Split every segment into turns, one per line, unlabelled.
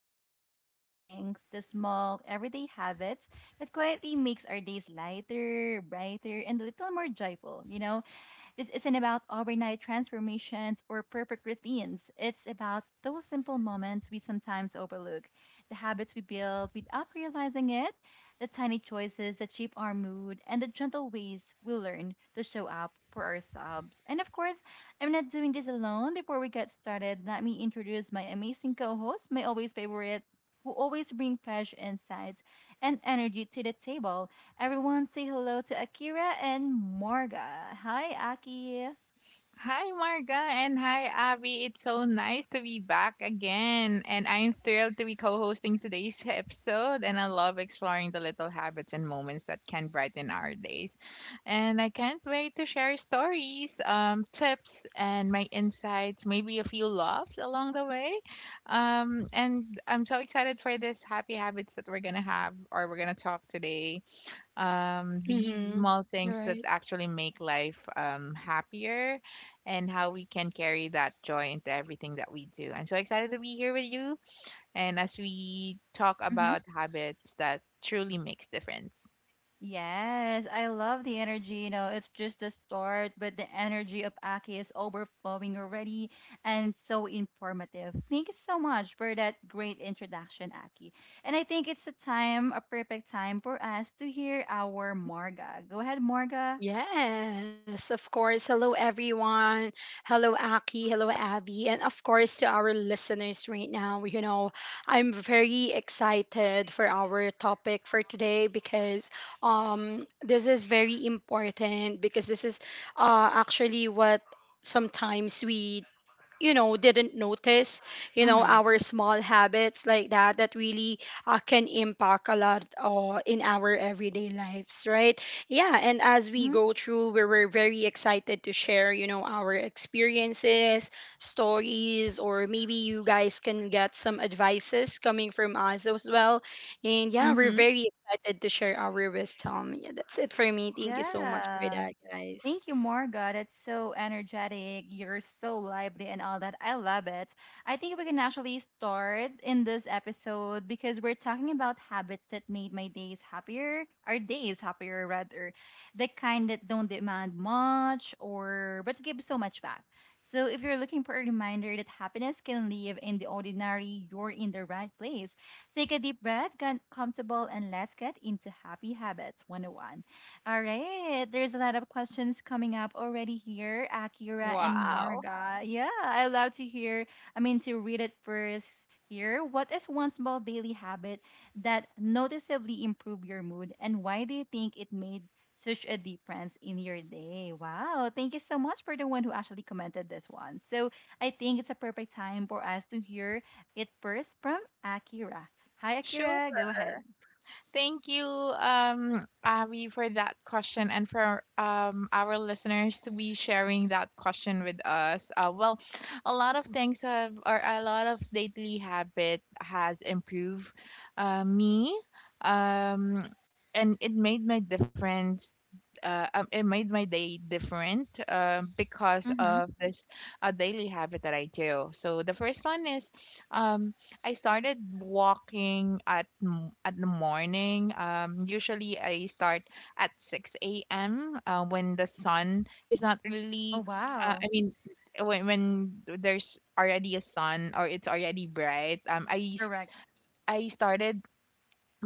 all about the little things, the small, everyday habits that quietly makes our days lighter, brighter, and a little more joyful. This isn't about overnight transformations or perfect routines. It's about those simple moments we sometimes overlook, the habits we build without realizing it, the tiny choices that shape our mood, and the gentle ways we learn to show up for ourselves. And of course, I'm not doing this alone. Before we get started, let me introduce my amazing co host, my always favorite, who always bring fresh insights and energy to the table. Everyone say hello to Akira and Morga. Hi, Aki.
Hi, Marga, and hi, Abby. It's so nice to be back again. And I'm thrilled to be co hosting today's episode. And I love exploring the little habits and moments that can brighten our days. And I can't wait to share stories, tips, and my insights, maybe a few laughs along the way. And I'm so excited for this happy habits that we're going to have or we're going to talk today, these small
Mm-hmm.
things that
Right.
actually make life happier, and how we can carry that joy into everything that we do. I'm so excited to be here with you and as we talk
hmm
about habits that truly makes difference.
Yes, I love the energy. It's just the start, but the energy of Aki is overflowing already and so informative. Thank you so much for that great introduction, Aki. And I think it's a perfect time for us to hear our Morga. Go ahead, Morga.
Yes, of course. Hello, everyone. Hello, Aki. Hello, Abby. And of course, to our listeners right now, you know, I'm very excited for our topic for today because this is very important because this is actually what sometimes we you know didn't notice, you know,
Mm-hmm.
our small habits like that that really can impact a lot in our everyday lives, right? Yeah, and as we
Hmm.
go through, we're very excited to share, you know, our experiences, stories, or maybe you guys can get some advices coming from us as well. And yeah, we're
Mm-hmm.
very excited to share our wisdom. Yeah, that's it for me. Thank you so much for
Yeah.
that, guys.
Thank you, Marga. It's so energetic. You're so lively and all that. I love it. I think we can actually start in this episode because we're talking about habits that made my days happier, our days happier rather, the kind that don't demand much or but give so much back. So if you're looking for a reminder that happiness can live in the ordinary, you're in the right place. Take a deep breath, get comfortable, and let's get into happy habits 101. All right. There's a lot of questions coming up already here, Akira and
Wow.
Marga. Yeah, I love to I mean, to read it first here. What is one small daily habit that noticeably improved your mood, and why do you think it made such a difference in your day? Wow. Thank you so much for the one who actually commented this one. So I think it's a perfect time for us to hear it first from Akira. Hi,
Show.
Akira. Go ahead.
Thank you, Abby, for that question and for our listeners to be sharing that question with us. Well, a lot of things have, or a lot of daily habit has improved me, um, and it made my difference. It made my day different because
Mm-hmm.
of this daily habit that I do. So the first one is, um, I started walking at at the morning. Usually I start at 6 a.m. When the sun is not
Oh,
really. I
wow.
mean, when there's already a sun or it's already bright.
Correct.
I started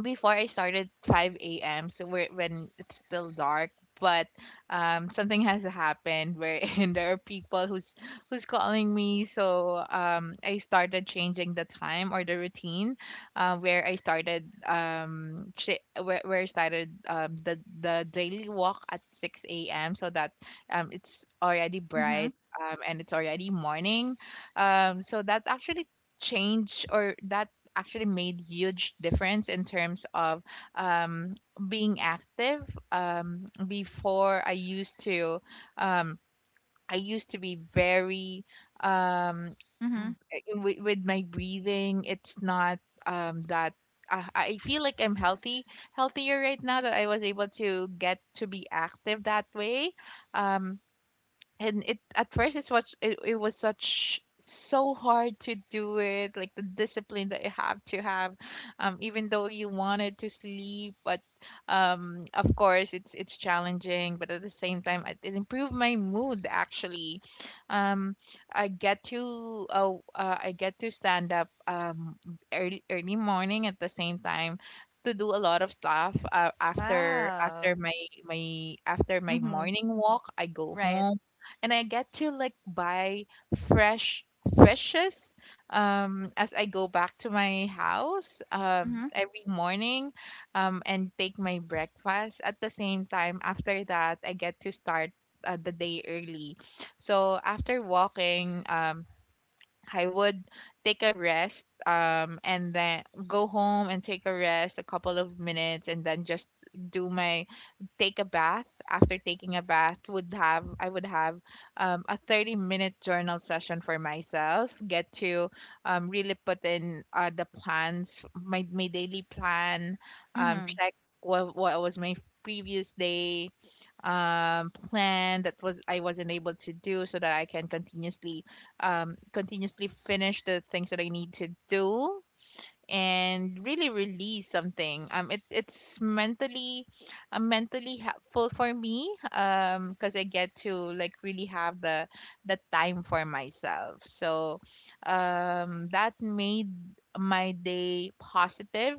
before I started 5 a.m. So we're, when it's still dark, but something has happened wherein there are people who's calling me. So I started changing the time or the routine, where I started where, I started the daily walk at 6 a.m. So that it's already
Mm-hmm.
bright and it's already morning, so that actually change or that actually made huge difference in terms of um, being active. Before um, I used to be very um,
Mhm.
with, my breathing. It's not that. I feel like I'm healthy, healthier right now that I was able to get to be active that way. Um, and it at first it's what it was such so hard to do it like the discipline that you have to have even though you wanted to sleep, but of course it's challenging, but at the same time it improved my mood actually. Um i get to I get to stand up early early morning at the same time to do a lot of stuff. After
Wow.
after my after my
Mhm.
morning walk I go
Right.
home and I get to like buy fresh fishes as I go back to my house
Mhm.
every morning, and take my breakfast at the same time. After that I get to start the day early. So after walking, I would take a rest and then go home and take a rest a couple of minutes and then just do my take a bath. After taking a bath, would have I would have a 30-minute journal session for myself. Get to really put in the plans, my daily plan.
Mhm.
Check what was my previous day plan that was I wasn't able to do, so that I can continuously continuously finish the things that I need to do and really release something. It's mentally, mentally helpful for me. Because I get to like really have the time for myself. So, that made my day positive.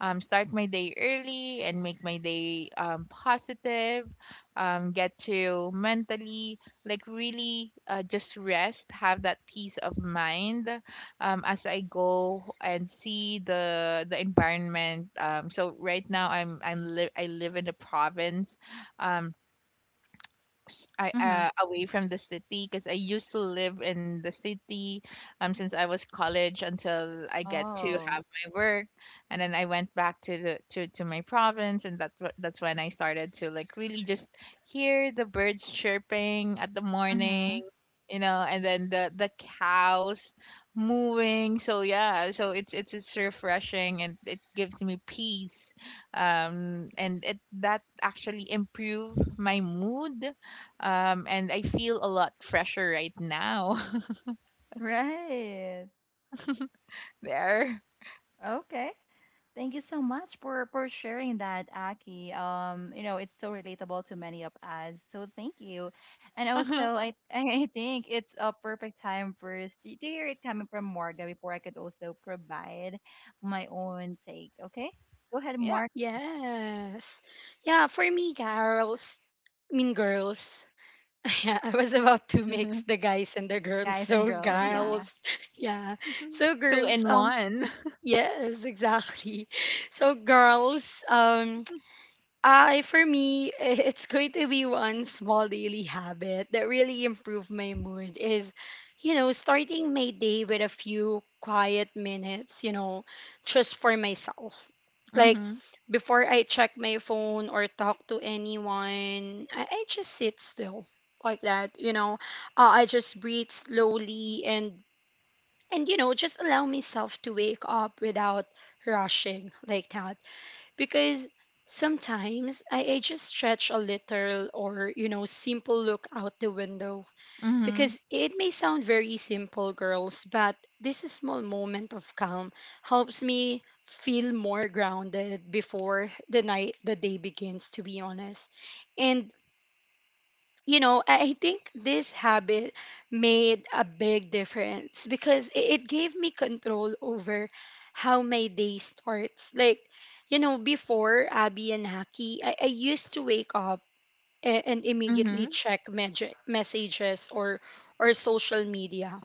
Start my day early and make my day positive. Get to mentally like really just rest, have that peace of mind, as I go and see the environment. So right now I live in the province. Um, I,
Mhm.
away from the city, because I used to live in the city since I was college until I get to
Oh.
have my work, and then I went back to the to my province, and that's what that's when I started to like really just hear the birds chirping at the
Mhm.
morning, you know, and then the cows moving. So yeah, so it's refreshing and it gives me peace, and it that actually improve my mood, and I feel a lot fresher right now.
Right.
There.
Okay. Thank you so much for sharing that, Aki. It's so relatable to many of us. So thank you. And also, I I think it's a perfect time first to hear it coming from Morga before I could also provide my own take. Okay, go ahead,
Yeah.
Morg,
Yes. Yeah, for me, girls, I mean girls. Yeah, I was about to mix the guys and the girls,
guys and
so
girls. Yeah.
girls. Yeah. So
Two
girls,
in one.
yes, exactly. So girls, I, for me, it's going to be one small daily habit that really improved my mood is, you know, starting my day with a few quiet minutes, you know, just for myself. Like,
Mhm.
before I check my phone or talk to anyone, I just sit still like that, you know. I just breathe slowly and, you know, just allow myself to wake up without rushing like that because sometimes I just stretch a little, or you know, simple look out the window
Mhm.
because it may sound very simple, girls, but this small moment of calm helps me feel more grounded before the night the day begins, to be honest. And you know, I think this habit made a big difference because it gave me control over how my day starts. Like, you know, before Abby and Haki, I used to wake up and immediately
Mhm.
check messages or social media.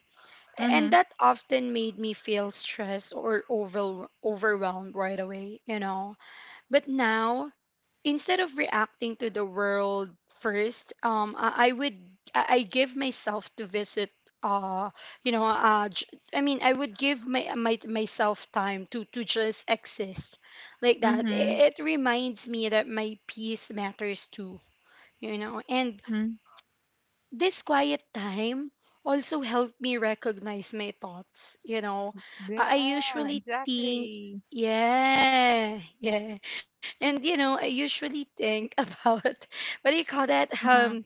And
Mhm.
that often made me feel stressed or overwhelmed right away, you know. But now instead of reacting to the world first, I would, I give myself to visit uh you know I would give my, my myself time to just exist like that.
Mhm.
It reminds me that my peace matters too, you know. And
Mhm.
this quiet time also helped me recognize my thoughts, you know.
Yeah,
I usually think,
exactly.
yeah, yeah. And you know, I usually think about what do you call that
Mhm.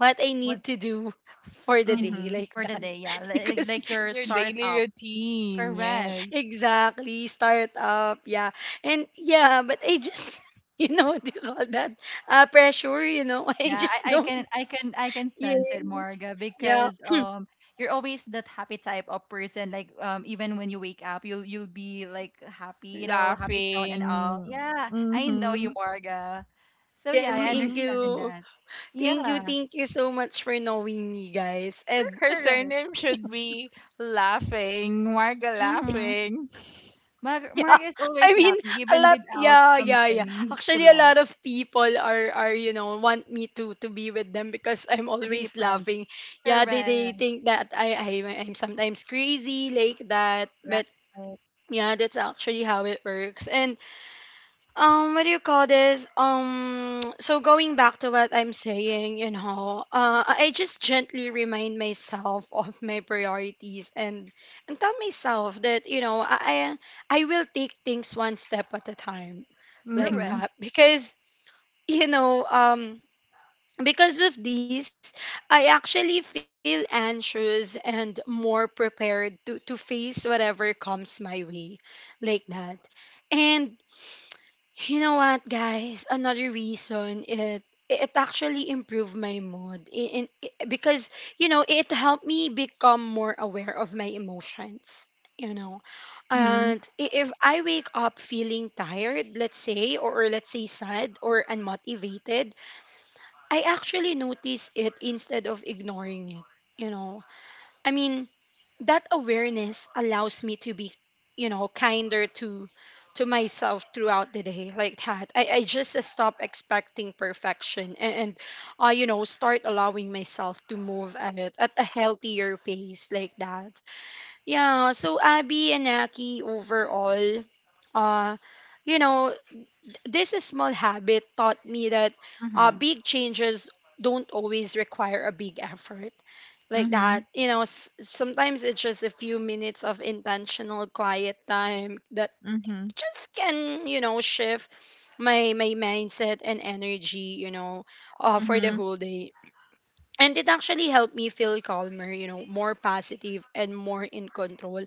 what I
What
need to do for the
in
day,
Mhm.
like
for the
that.
day yeah
Because
like your
Your daily
startup
routine,
correct
yes.
exactly start up yeah. And yeah, but I just you know what do you call that
I,
pressure, you know. I
yeah
just
I
don't.
can sense
Yes.
it morga
Yeah.
because you're always that happy type of person like even when you wake up you'll be like happy you know happy tone and all
Laughing.
yeah I know you
Mhm.
morga so yeah
Yes,
I
thank
Mhm.
understand
you.
that
Thank you,
yeah
thank you so much for knowing me, guys. And
Her
correct
surname should be laughing. Marga
mm-hmm.
laughing.
yeah,
Morga is
I
always
mean,
laughing
a
even
lot.
without
Yeah, yeah, yeah.
something to
Actually, a
love
lot of people are, you know, want me to be with them because I'm
to be
always
friends
laughing. Yeah, they
correct
think that I'm sometimes crazy like that, but
right
yeah, that's actually how it works. And what do you call this so going back to what I'm saying, you know, I just gently remind myself of my priorities and tell myself that, you know, I will take things one step at a time like
Correct.
Mhm.
that because you know, because of this I actually feel anxious and more prepared to face whatever comes my way like that. And you know what, guys? Another reason it it actually improved my mood in because, you know, it helped me become more aware of my emotions. You know,
Mhm.
and if I wake up feeling tired, let's say, or let's say sad or unmotivated, I actually notice it instead of ignoring it. You know, I mean, that awareness allows me to be, you know, kinder to myself throughout the day like that. I just stop expecting perfection, and you know, start allowing myself to move at it at a healthier pace like that. Yeah, so Abby and Aki, overall, uh, you know, this small habit taught me that
Hmm.
big changes don't always require a big effort like that.
Mhm.
You know, sometimes it's just a few minutes of intentional quiet time that
Mhm.
just can, you know, shift my my mindset and energy, you know, for the
Mhm.
whole day. And it actually helped me feel calmer, you know, more positive and more in control.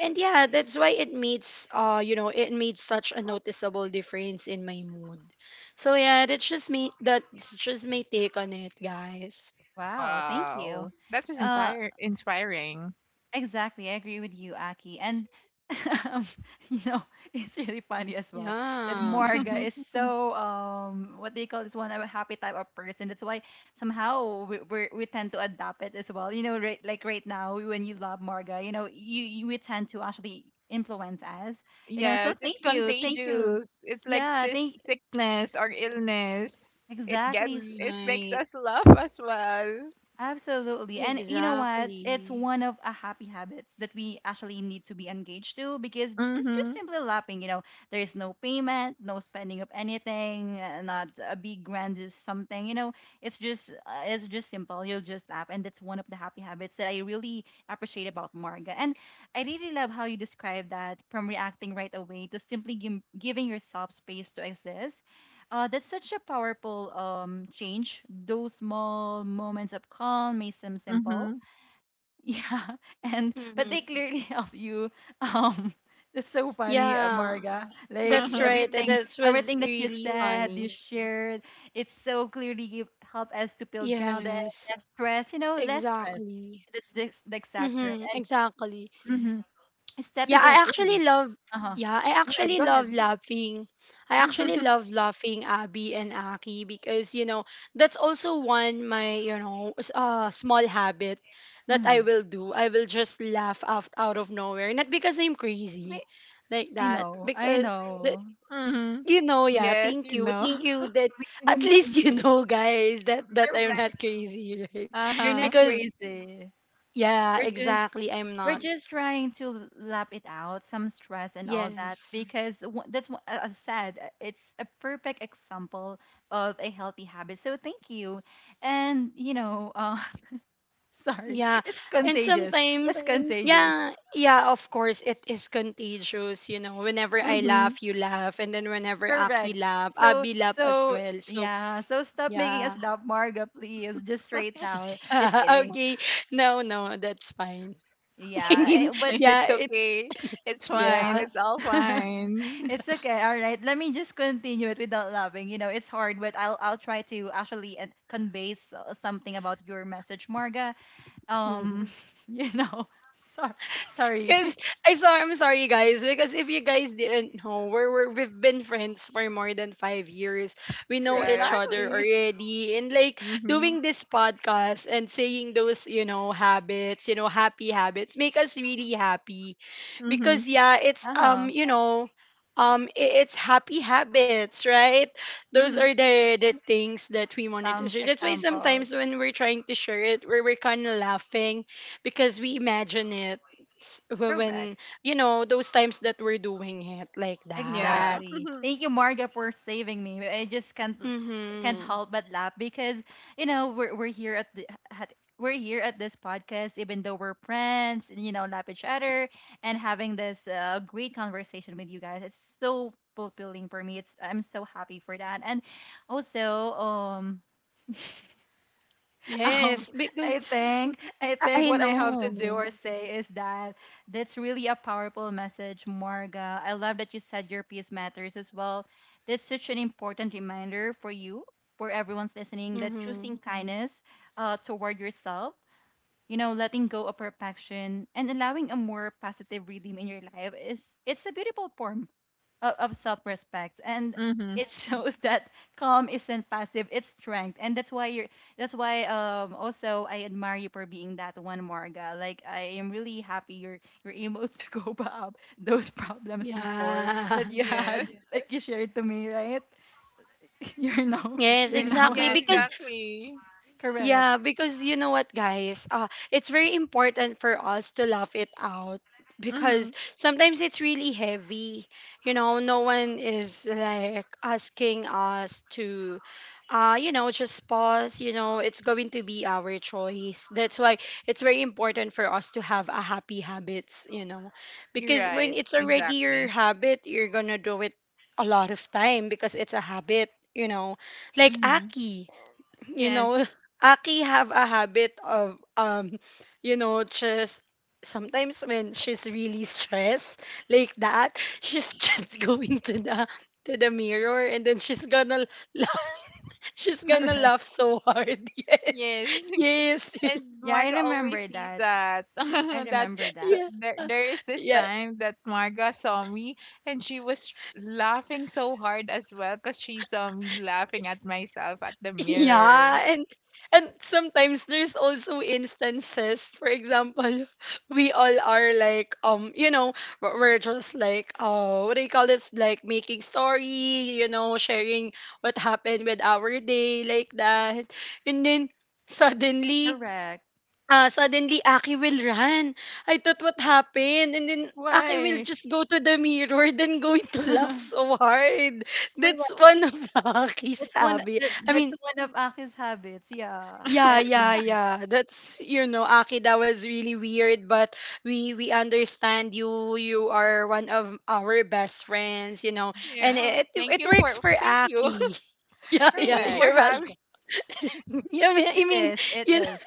And yeah, that's why it makes you know it made such a noticeable difference in my mood. So yeah, that's just me, that's just my take on it, guys.
Wow. Thank
Wow,
you.
that is
Uh,
inspire inspiring.
exactly. I agree with you, Aki. And um, you know, it's really funny as well that
Yeah.
Morga is Mm. so what do you call this one? A happy type of person. That's why somehow we tend to adapt it as well. Right, like right now when you love Morga, you we tend to actually influence us. You know, so
Yes, it's
thank you, thank you.
contagious. It's like
Yeah,
sis
thank
sickness or illness. It
exactly.
gets it makes
Right.
us laugh as well.
Absolutely. And you know what? It's
Exactly.
one of a happy habits that we actually need to be engaged to because it's just
Mhm.
simply lapping. You know, there's no payment, no spending of anything, not a big grandest something. You know, it's just simple. You'll just lap, and that's one of the happy habits that I really appreciate about Marga. And I really love how you describe that from reacting right away to simply giving yourself space to exist that's such a powerful change. Those small moments of calm may seem simple,
Mhm.
yeah, and but they
Mm-hmm.
clearly help you. Um, it's so funny,
Yeah,
Marga. Like
that's
Uh-huh.
right, that was
everything that you
really
said, you
funny.
shared, it's so clearly help us to feel grounded,
Yes,
less stress. You know, less stress.
exactly.
That's the exact term.
Mm-hmm,
And
exactly.
mhm,
Yeah,
stepping
I
away.
actually love,
Uh huh.
yeah, I actually
Go ahead.
love laughing. I actually love laughing, Abby and Aki, because you know that's also one my, you know, small habit that I
Mm-hmm.
will do. I will just laugh out, out of nowhere, not because I'm crazy
Wait,
like that
I
because the
know.
Mhm.
you know yeah,
Yes,
thank
you
you,
know.
thank you that.
We,
At
we,
least you know, guys, that that I'm not crazy. Right,
You're not
Uh-huh.
because
crazy.
yeah
We're just
exactly, I'm
we're
not.
just trying to lap it out, some stress and all that,
Yes.
because that's what I said. Uh, it's a perfect example of a healthy habit. So thank you, and you know, sorry,
Yeah.
it's
And
contagious. It's Thanks.
sometimes,
Contagious.
yeah, yeah, of course, it is contagious. You know, whenever I
Mhm.
laugh, you laugh. And then whenever Aki
Correct.
laugh,
So
Abby laugh as
so
well. So,
yeah. So stop making us
yeah.
laugh, Marga, please. Just straight
So,
now. Just
yeah.
kidding.
Okay. No, no, that's fine. I
Yeah,
mean,
eh, but
yeah,
It's
it's,
okay. It's fine.
yes.
yeah.
It's all fine.
It's okay. All right. Let me just continue it without laughing. You know, it's hard, but I'll try to actually convey something about your message, Marga. Um,
Mhm.
you know, sorry, sorry.
Because I saw, I'm sorry, guys. Because if you guys didn't know, we've been friends for more than 5 years. We know each
Right.
other
exactly.
already, and like
Mhm.
doing this podcast and saying those, you know, habits, you know, happy habits, make us really happy.
Mhm.
Because yeah, it's
Uh
you
huh.
know, it's happy habits, right? Those
Mhm.
are the things that we wanted to
Some
share. That's why
examples.
sometimes when we're trying to share it, we're kind of laughing because we imagine it when
Correct.
you know those times that we're doing it like
Yeah.
that.
Exactly.
Mhm.
Thank you, Marga, for saving me. I just can't
Mm-hmm.
help but laugh because we're here at the at, we're here at this podcast, even though we're friends, and, you know, laugh each other and having this great conversation with you guys. It's so fulfilling for me. It's I'm so happy for that, and also um,
Yes, because
I think
I
what I
know.
have to do or say is that that's really a powerful message, Marga. I love that you said your piece matters as well. That's such an important reminder for you, for everyone's listening, that
Mm-hmm.
choosing kindness toward yourself, you know, letting go of perfection and allowing a more positive rhythm in your life is it's a beautiful form of self-respect and
Mhm.
it shows that calm isn't passive it's strength and that's why also I admire you for being that one marga like I am really happy you're able to go up those problems before
Yeah.
that you Mm-hmm. had
Yes.
like you shared to me right you're now
Y-
Yes,
you're now Mm-hmm.
exactly,
Yeah,
because
happy
exactly.
correct
yeah, because you know what, guys? It's very important for us to laugh it out because
Mhm.
sometimes it's really heavy. You know, no one is like asking us to, you know, just pause. You know, it's going to be our choice. That's why it's very important for us to have a happy habits, you know,
You're
because when
right.
it's already your
Exactly.
habit, you're gonna do it a lot of time because it's a habit, you know, like
Mhm.
Aki, you
Yes.
know, Aki have a habit of you know, just sometimes when she's really stressed like that, she's just going to the mirror, and then she's gonna laugh. She's gonna
correct
laugh so hard.
Yes.
Yes. Yes.
And
yeah
Marga always sees that.
I
That's
remember that
th-
Yeah.
there. There is this
Yeah.
time that Marga saw me, and she was laughing so hard as well, cause she saw me laughing at myself at the mirror.
Yeah, and sometimes there's also instances, for example, we all are like you know, we're just like what do you call this like making story, you know, sharing what happened with our day like that. And then suddenly
correct
Aki will run. I thought what happened, and then Aki will
why
just go to the mirror then going to laugh
for
so hard. That's one of the Aki's hobby. I
That's
mean,
one of Aki's habits. Yeah,
yeah,
I remember.
yeah, yeah. That's, you know, Aki, that was really weird, but we understand you, you are one of our best friends, you know. And
Yeah.
it
Thank
it
you
works
for
for
thank you.
Aki. Yeah,
Thank
yeah,
you for
you're
Correct.
welcome.
having.
Yeah, I mean,
It
you
is.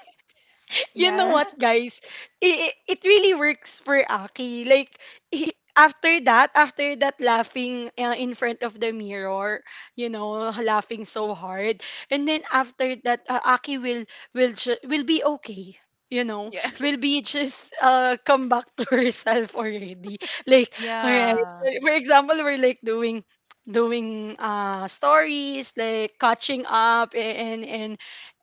you know
Yeah.
what, guys? It really works for Aki. Like, he, after that laughing in front of the mirror, you know, laughing so hard, and then after that, Aki will, will be okay. You know,
Yeah.
will be just come back to herself already. Like, all right.
Yeah.
For example, we're like doing doing stories like catching up and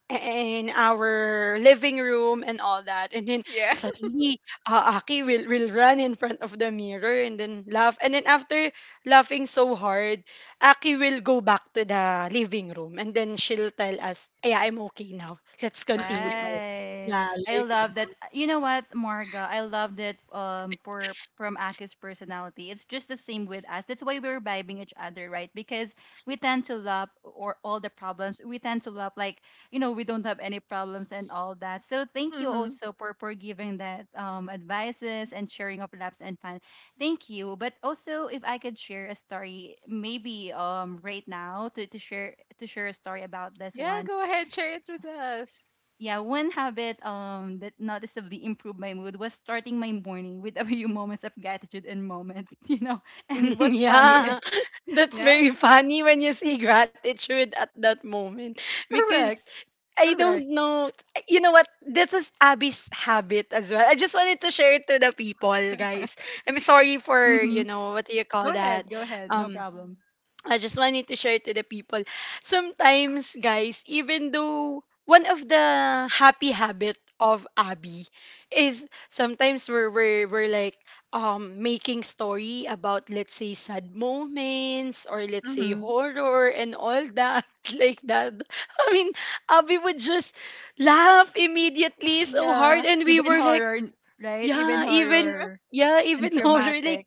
in our living room and all that. And then
Yeah.
suddenly, Aki will run in front of the mirror and then laugh. And then after laughing so hard, Aki will go back to the living room, and then she'll tell us, yeah, I'm okay now. Let's continue. Our-"
Right.
Yeah,
I
like
love that. Uh, you know what, Marga? I love that for from Aki's personality. It's just the same with us. That's why we're vibing each other, right? Because we tend to love or all the problems. We tend to love like, you know, we don't have any problems and all that. So thank you
Mhm.
also for giving that advices and sharing of laughs and fun. Thank you. But also if I could share a story maybe right now to share a story about this
Yeah.
one
Go ahead. Share it with us.
yeah, one habit that noticeably improved my mood was starting my morning with a few moments of gratitude and moments, you know. And what's funny is
yeah, that's very
Yes.
funny when you see gratitude at that moment because
correct,
I don't
correct.
know. You know what? This is Abby's habit as well. I just wanted to share it to the people, guys. I'm sorry for you
Mm-hmm.
know what do you call that?
Go ahead, no
Um,
problem.
I just wanted to share to the people. Sometimes, guys, even though one of the happy habit of Abby is sometimes we're like making story about let's say sad moments or let's say
Mhm.
horror and all that like that. I mean, Abby would just laugh immediately so hard
Yeah,
and we
even
were like,
horror, right? Even
yeah, even
horror
yeah,
and
even horror like
dramatic.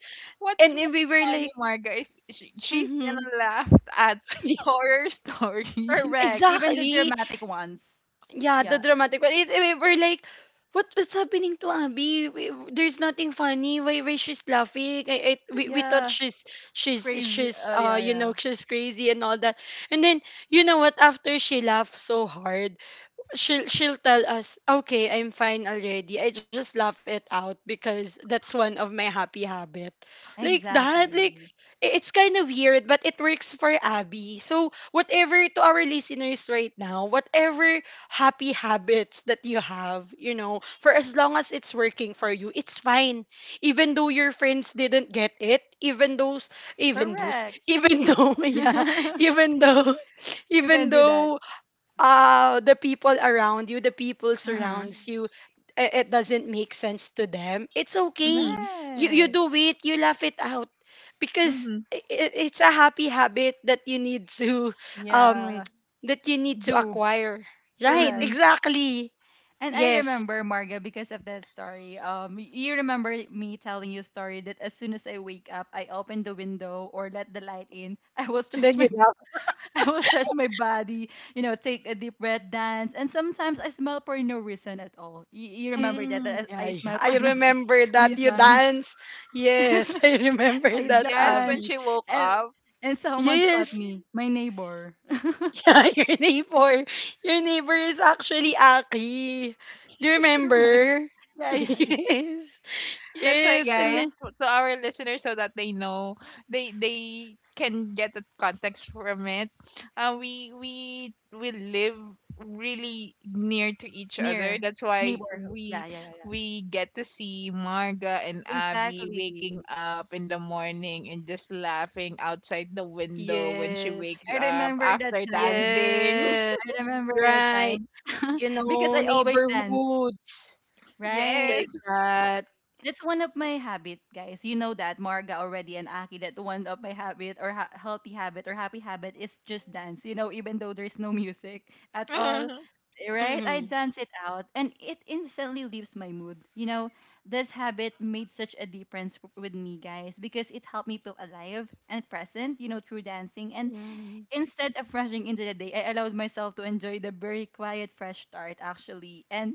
and
What's more
we were
funny,
like
Marga, is she, she's
mm-hmm.
gonna laugh at horror stories.
Correct, even the
Exactly.
dramatic ones.
Yeah, the
Yeah,
dramatic one. It, we were like, what's happening to Abby? We, there's nothing funny. Why she's laughing? We thought
yeah,
she's she's
crazy.
she's uh
Yeah,
you know
yeah.
she's crazy and all that. And then you know what? After she laughed so hard, she'll tell us, "Okay, I'm fine already. I just laugh it out because that's one of my happy habit." Like that, like
Exactly.
it's kind of weird, but it works for Abby. So, whatever to our listeners right now, whatever happy habits that you have, you know, for as long as it's working for you, it's fine. Even though your friends didn't get it,
Correct.
even though, yeah, even though,
you
even
can do that.
though the people around you, the people
Mm-hmm.
surrounds you, it doesn't make sense to them. It's okay.
Mm-hmm.
You
Right.
do it, you laugh it out because
Mm-hmm.
it's a happy habit that you need to um
Yeah,
that you need to
do.
acquire. Right,
Correct.
Mm-hmm.
exactly.
And I
Yes.
remember, Marga, because of that story. You remember me telling you a story that as soon as I wake up, I open the window or let the light in. I will
And
stretch
then you
my,
laugh.
I will stretch my body. You know, take a deep breath, dance, and sometimes I smile for no reason at all. You remember that,
Mm,
that
yeah,
I
yeah.
smile
I
for no
remember that you
reason.
dance. Yes, I remember
I
that,
Yes, when
dance,
Abby.
she woke
and
up.
someone caught
Yes.
me, my neighbor.
Yeah, your neighbor. Your neighbor is actually Aki. Do you
Correct.
remember?
Yeah.
Yes.
That's why,
Yes, and
guys,
Yeah.
then
to our listeners, so that they know, they can get the context from it. We we live really near to each other.
Near
That's why
neighborhood.
we
Yeah.
we get to see Marga and Abby
Exactly.
waking up in the morning and just laughing outside the window when she
yes.
wakes
I
up
remember that
after
time.
dancing.
Yes.
I remember that
Right.
time
You
because
know,
I always dance,
neighborhoods
right?
like
Yes.
that.
That's one of my habit, guys. You know that Marga already and Aki that one of my habit or healthy habit or happy habit is just dance. You know, even though there's no music at all, right? I
Mm-hmm.
dance it out and it instantly lifts my mood. You know, this habit made such a difference with me, guys, because it helped me feel alive and present. You know, through dancing and
Mm-hmm.
instead of rushing into the day, I allowed myself to enjoy the very quiet fresh start actually. And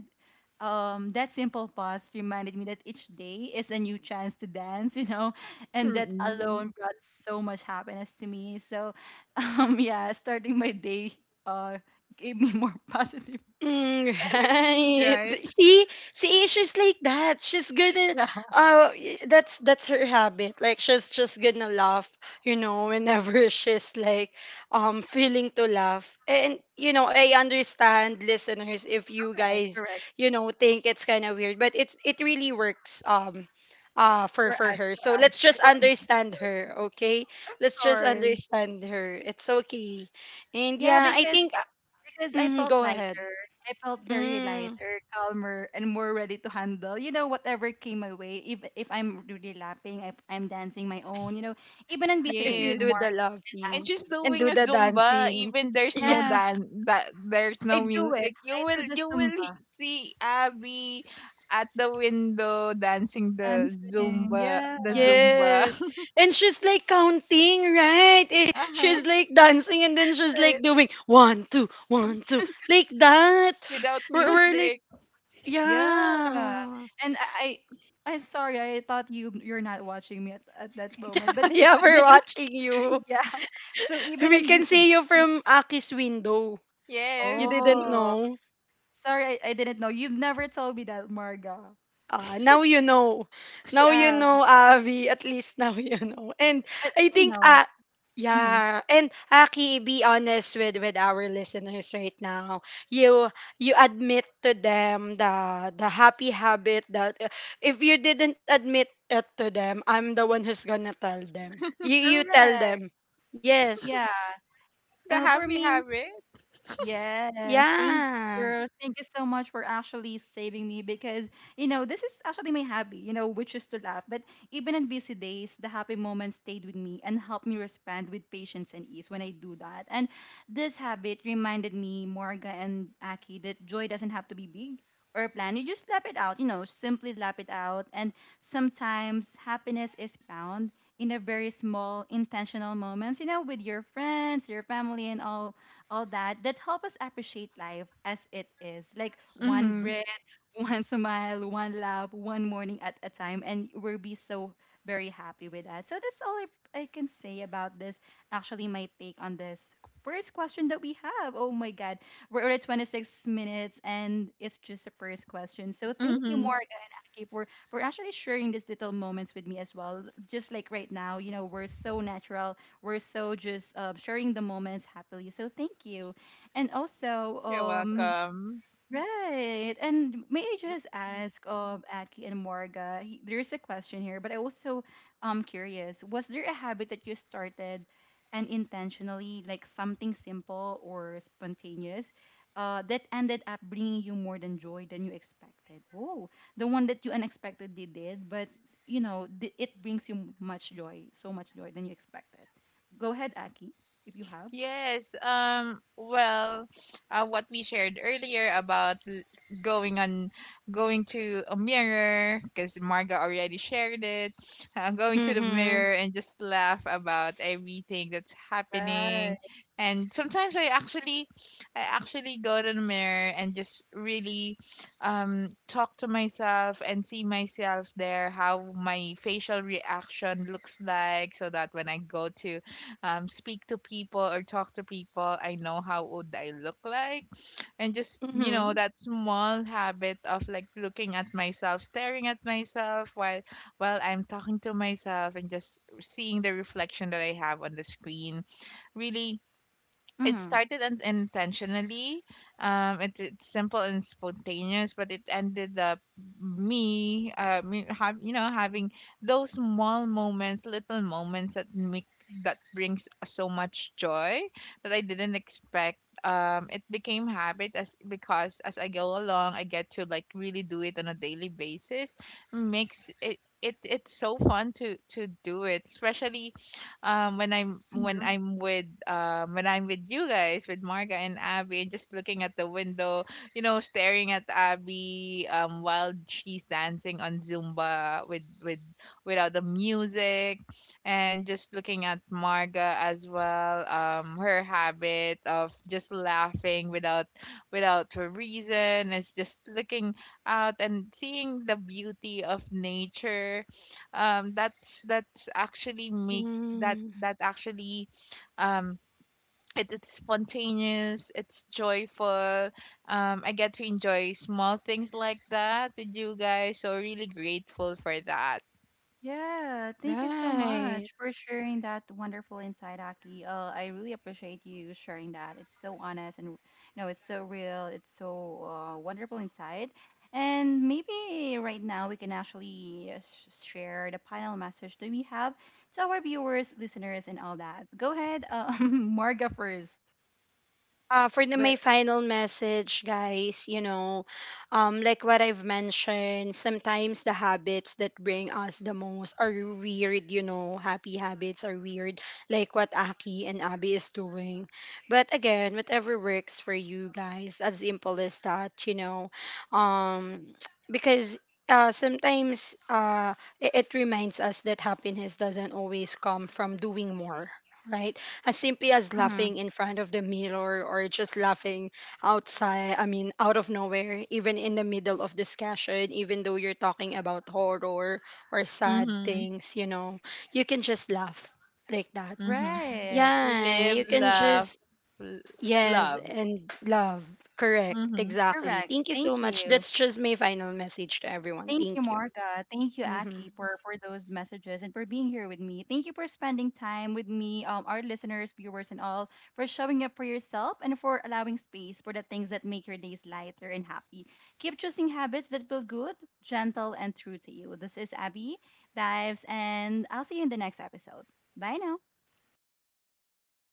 that simple pause reminded me that each day is a new chance to dance, you know, and that
Mhm.
alone brought so much happiness to me. So, yeah, starting my day uh, gave me more positive
Mm,
energy.
right.
Right.
See, see, she's like that.
Yeah,
That's her habit. Like she's just gonna laugh, you know, whenever she's like, feeling to laugh. And you know, I understand, listeners, if you guys,
correct.
you know, think it's kind of weird, but it's it really works, for
For
for
us,
her. So
for us,
let's just
for,
understand her, okay?
of
Let's just
course.
understand her. It's okay. And
Yeah,
yeah, I think.
because I
Mm,
felt
go ahead.
lighter. I felt very
Mm,
lighter, calmer, and more ready to handle, you know, whatever came my way. If I'm really lapping, if I'm dancing my own, you know, even on busy
if you
days,
Yes.
do
more
the
And
laughing
just
relaxing.
and do
doing a
the
Zumba,
dancing.
even there's
Yeah.
no
Yeah,
dan that there's
I
no
do it.
music. You
I do
will
the Zumba
see Abby at the window dancing the
dancing.
Zumba,
Yeah,
the Zumba.
Yes. And she's like counting, right? Eh,
Uh-huh.
she's like dancing and then she's
right.
like doing one, two, one, two, like that.
Without
We're like,
music.
Yeah.
yeah.
And I I'm sorry, I thought you you're not watching me at that moment. But
Yeah, we're
even on-
watching you.
yeah. So even
We
in
can
busy
see you
days,
from Aki's window. You
Yes.
didn't
oh
know.
sorry, I didn't know. You've never told me that, Marga.
Ah, now you know. Now you
Yeah,
know, Avi. At least now you know.
but
I
I
think,
know.
uh,
Hmm.
yeah. And Aki, be honest with our listeners right now. You you admit to them the happy habit that if you didn't admit it to them, I'm the one who's gonna tell them. You tell
Correct.
them. Yes.
Yeah.
The
For
happy
me,
habit.
yes, thank you,
Yeah.
girl. Thank you so much for actually saving me because, you know, this is actually my hobby, you know, which is to laugh. But even on busy days, the happy moments stayed with me and helped me respond with patience and ease when I do that. And this habit reminded me, Morga and Aki, that joy doesn't have to be big or planned. You just laugh it out, you know, simply laugh it out. And sometimes happiness is found in a very small, intentional moments, you know, with your friends, your family, and all that that help us appreciate life as it is. Like one
Mm-hmm.
breath, one smile, one laugh, one morning at a time, and we'll be so very happy with that. So that's all I can say about this. Actually, my take on this first question that we have. Oh my God, we're already 26 minutes, and it's just the first question. So thank you,
Mm-hmm.
Morgan and Aki, for actually sharing these little moments with me as well. Just like right now, you know, we're so just sharing the moments happily. So thank you. And also,
You're
Yeah.
welcome.
Right. And may I just ask of Aki and Morga, there's a question here, but I also curious, was there a habit that you started and intentionally, like something simple or spontaneous, that ended up bringing you more than joy than you expected? Oh, the one that you unexpectedly did, but you know, it brings you much joy, so much joy than you expected. Go ahead, Aki, if you have.
Yes. Um, well, what we shared earlier about going on, going to a mirror, because Marga already shared it. Going to the
Mm-hmm.
mirror
Mm-hmm.
and just laugh about everything that's
Right.
happening. And sometimes I actually go to the mirror and just really, talk to myself and see myself there, how my facial reaction looks like, so that when I go to speak to people or talk to people, I know how old I look like. And just, you know,
Mm-hmm.
that small habit of like looking at myself, staring at myself while I'm talking to myself and just seeing the reflection that I have on the screen really, it
Mm-hmm.
started intentionally. It's simple and spontaneous, but it ended up me me have, you know, having those small moments, little moments that make that brings so much joy that I didn't expect. Um, it became habit as because as I go along I get to like really do it on a daily basis, makes it, it's so fun to do it, especially when I'm with you guys, with Marga and Abby, and just looking at the window, you know, staring at Abby while she's dancing on Zumba with without the music, and just looking at Marga as well, her habit of just laughing without a reason. It's just looking out and seeing the beauty of nature, that's actually make that
Mm-hmm.
that actually, um it's spontaneous, it's joyful, I get to enjoy small things like that with you guys, so really grateful for that.
Yeah, thank you so
Right.
much for sharing that wonderful insight, Aki. I really appreciate you sharing that. It's so honest and you know, it's so real. It's so wonderful insight. And maybe right now we can actually share the final message that we have to our viewers, listeners, and all that. Go ahead, Marga first.
For the, my
But
final message, guys, you know, like what I've mentioned, sometimes the habits that bring us the most are weird, you know, happy habits are weird, like what Aki and Abby is doing. But again, whatever works for you guys, as simple as that, you know, um, because sometimes it, it reminds us that happiness doesn't always come from doing more. Right? As simply as
Mhm.
laughing in front of the mirror or just laughing outside, out of nowhere, even in the middle of discussion, even though you're talking about horror or sad
Mm-hmm,
things, you know, you can just laugh like that.
mm-hmm,
right,
Yeah,
Live,
you can
love,
just yes
love.
and love. Correct, exactly,
correct.
thank you so
Thank
much.
you.
That's just my final message to everyone.
Thank you,
Thank you.
Marga. Thank you,
Mhm.
Aki, for those messages and for being here with me. Thank you for spending time with me, our listeners, viewers, and all, for showing up for yourself and for allowing space for the things that make your days lighter and happy. Keep choosing habits that feel good, gentle, and true to you. This is Abby Dives, and I'll see you in the next episode. Bye now.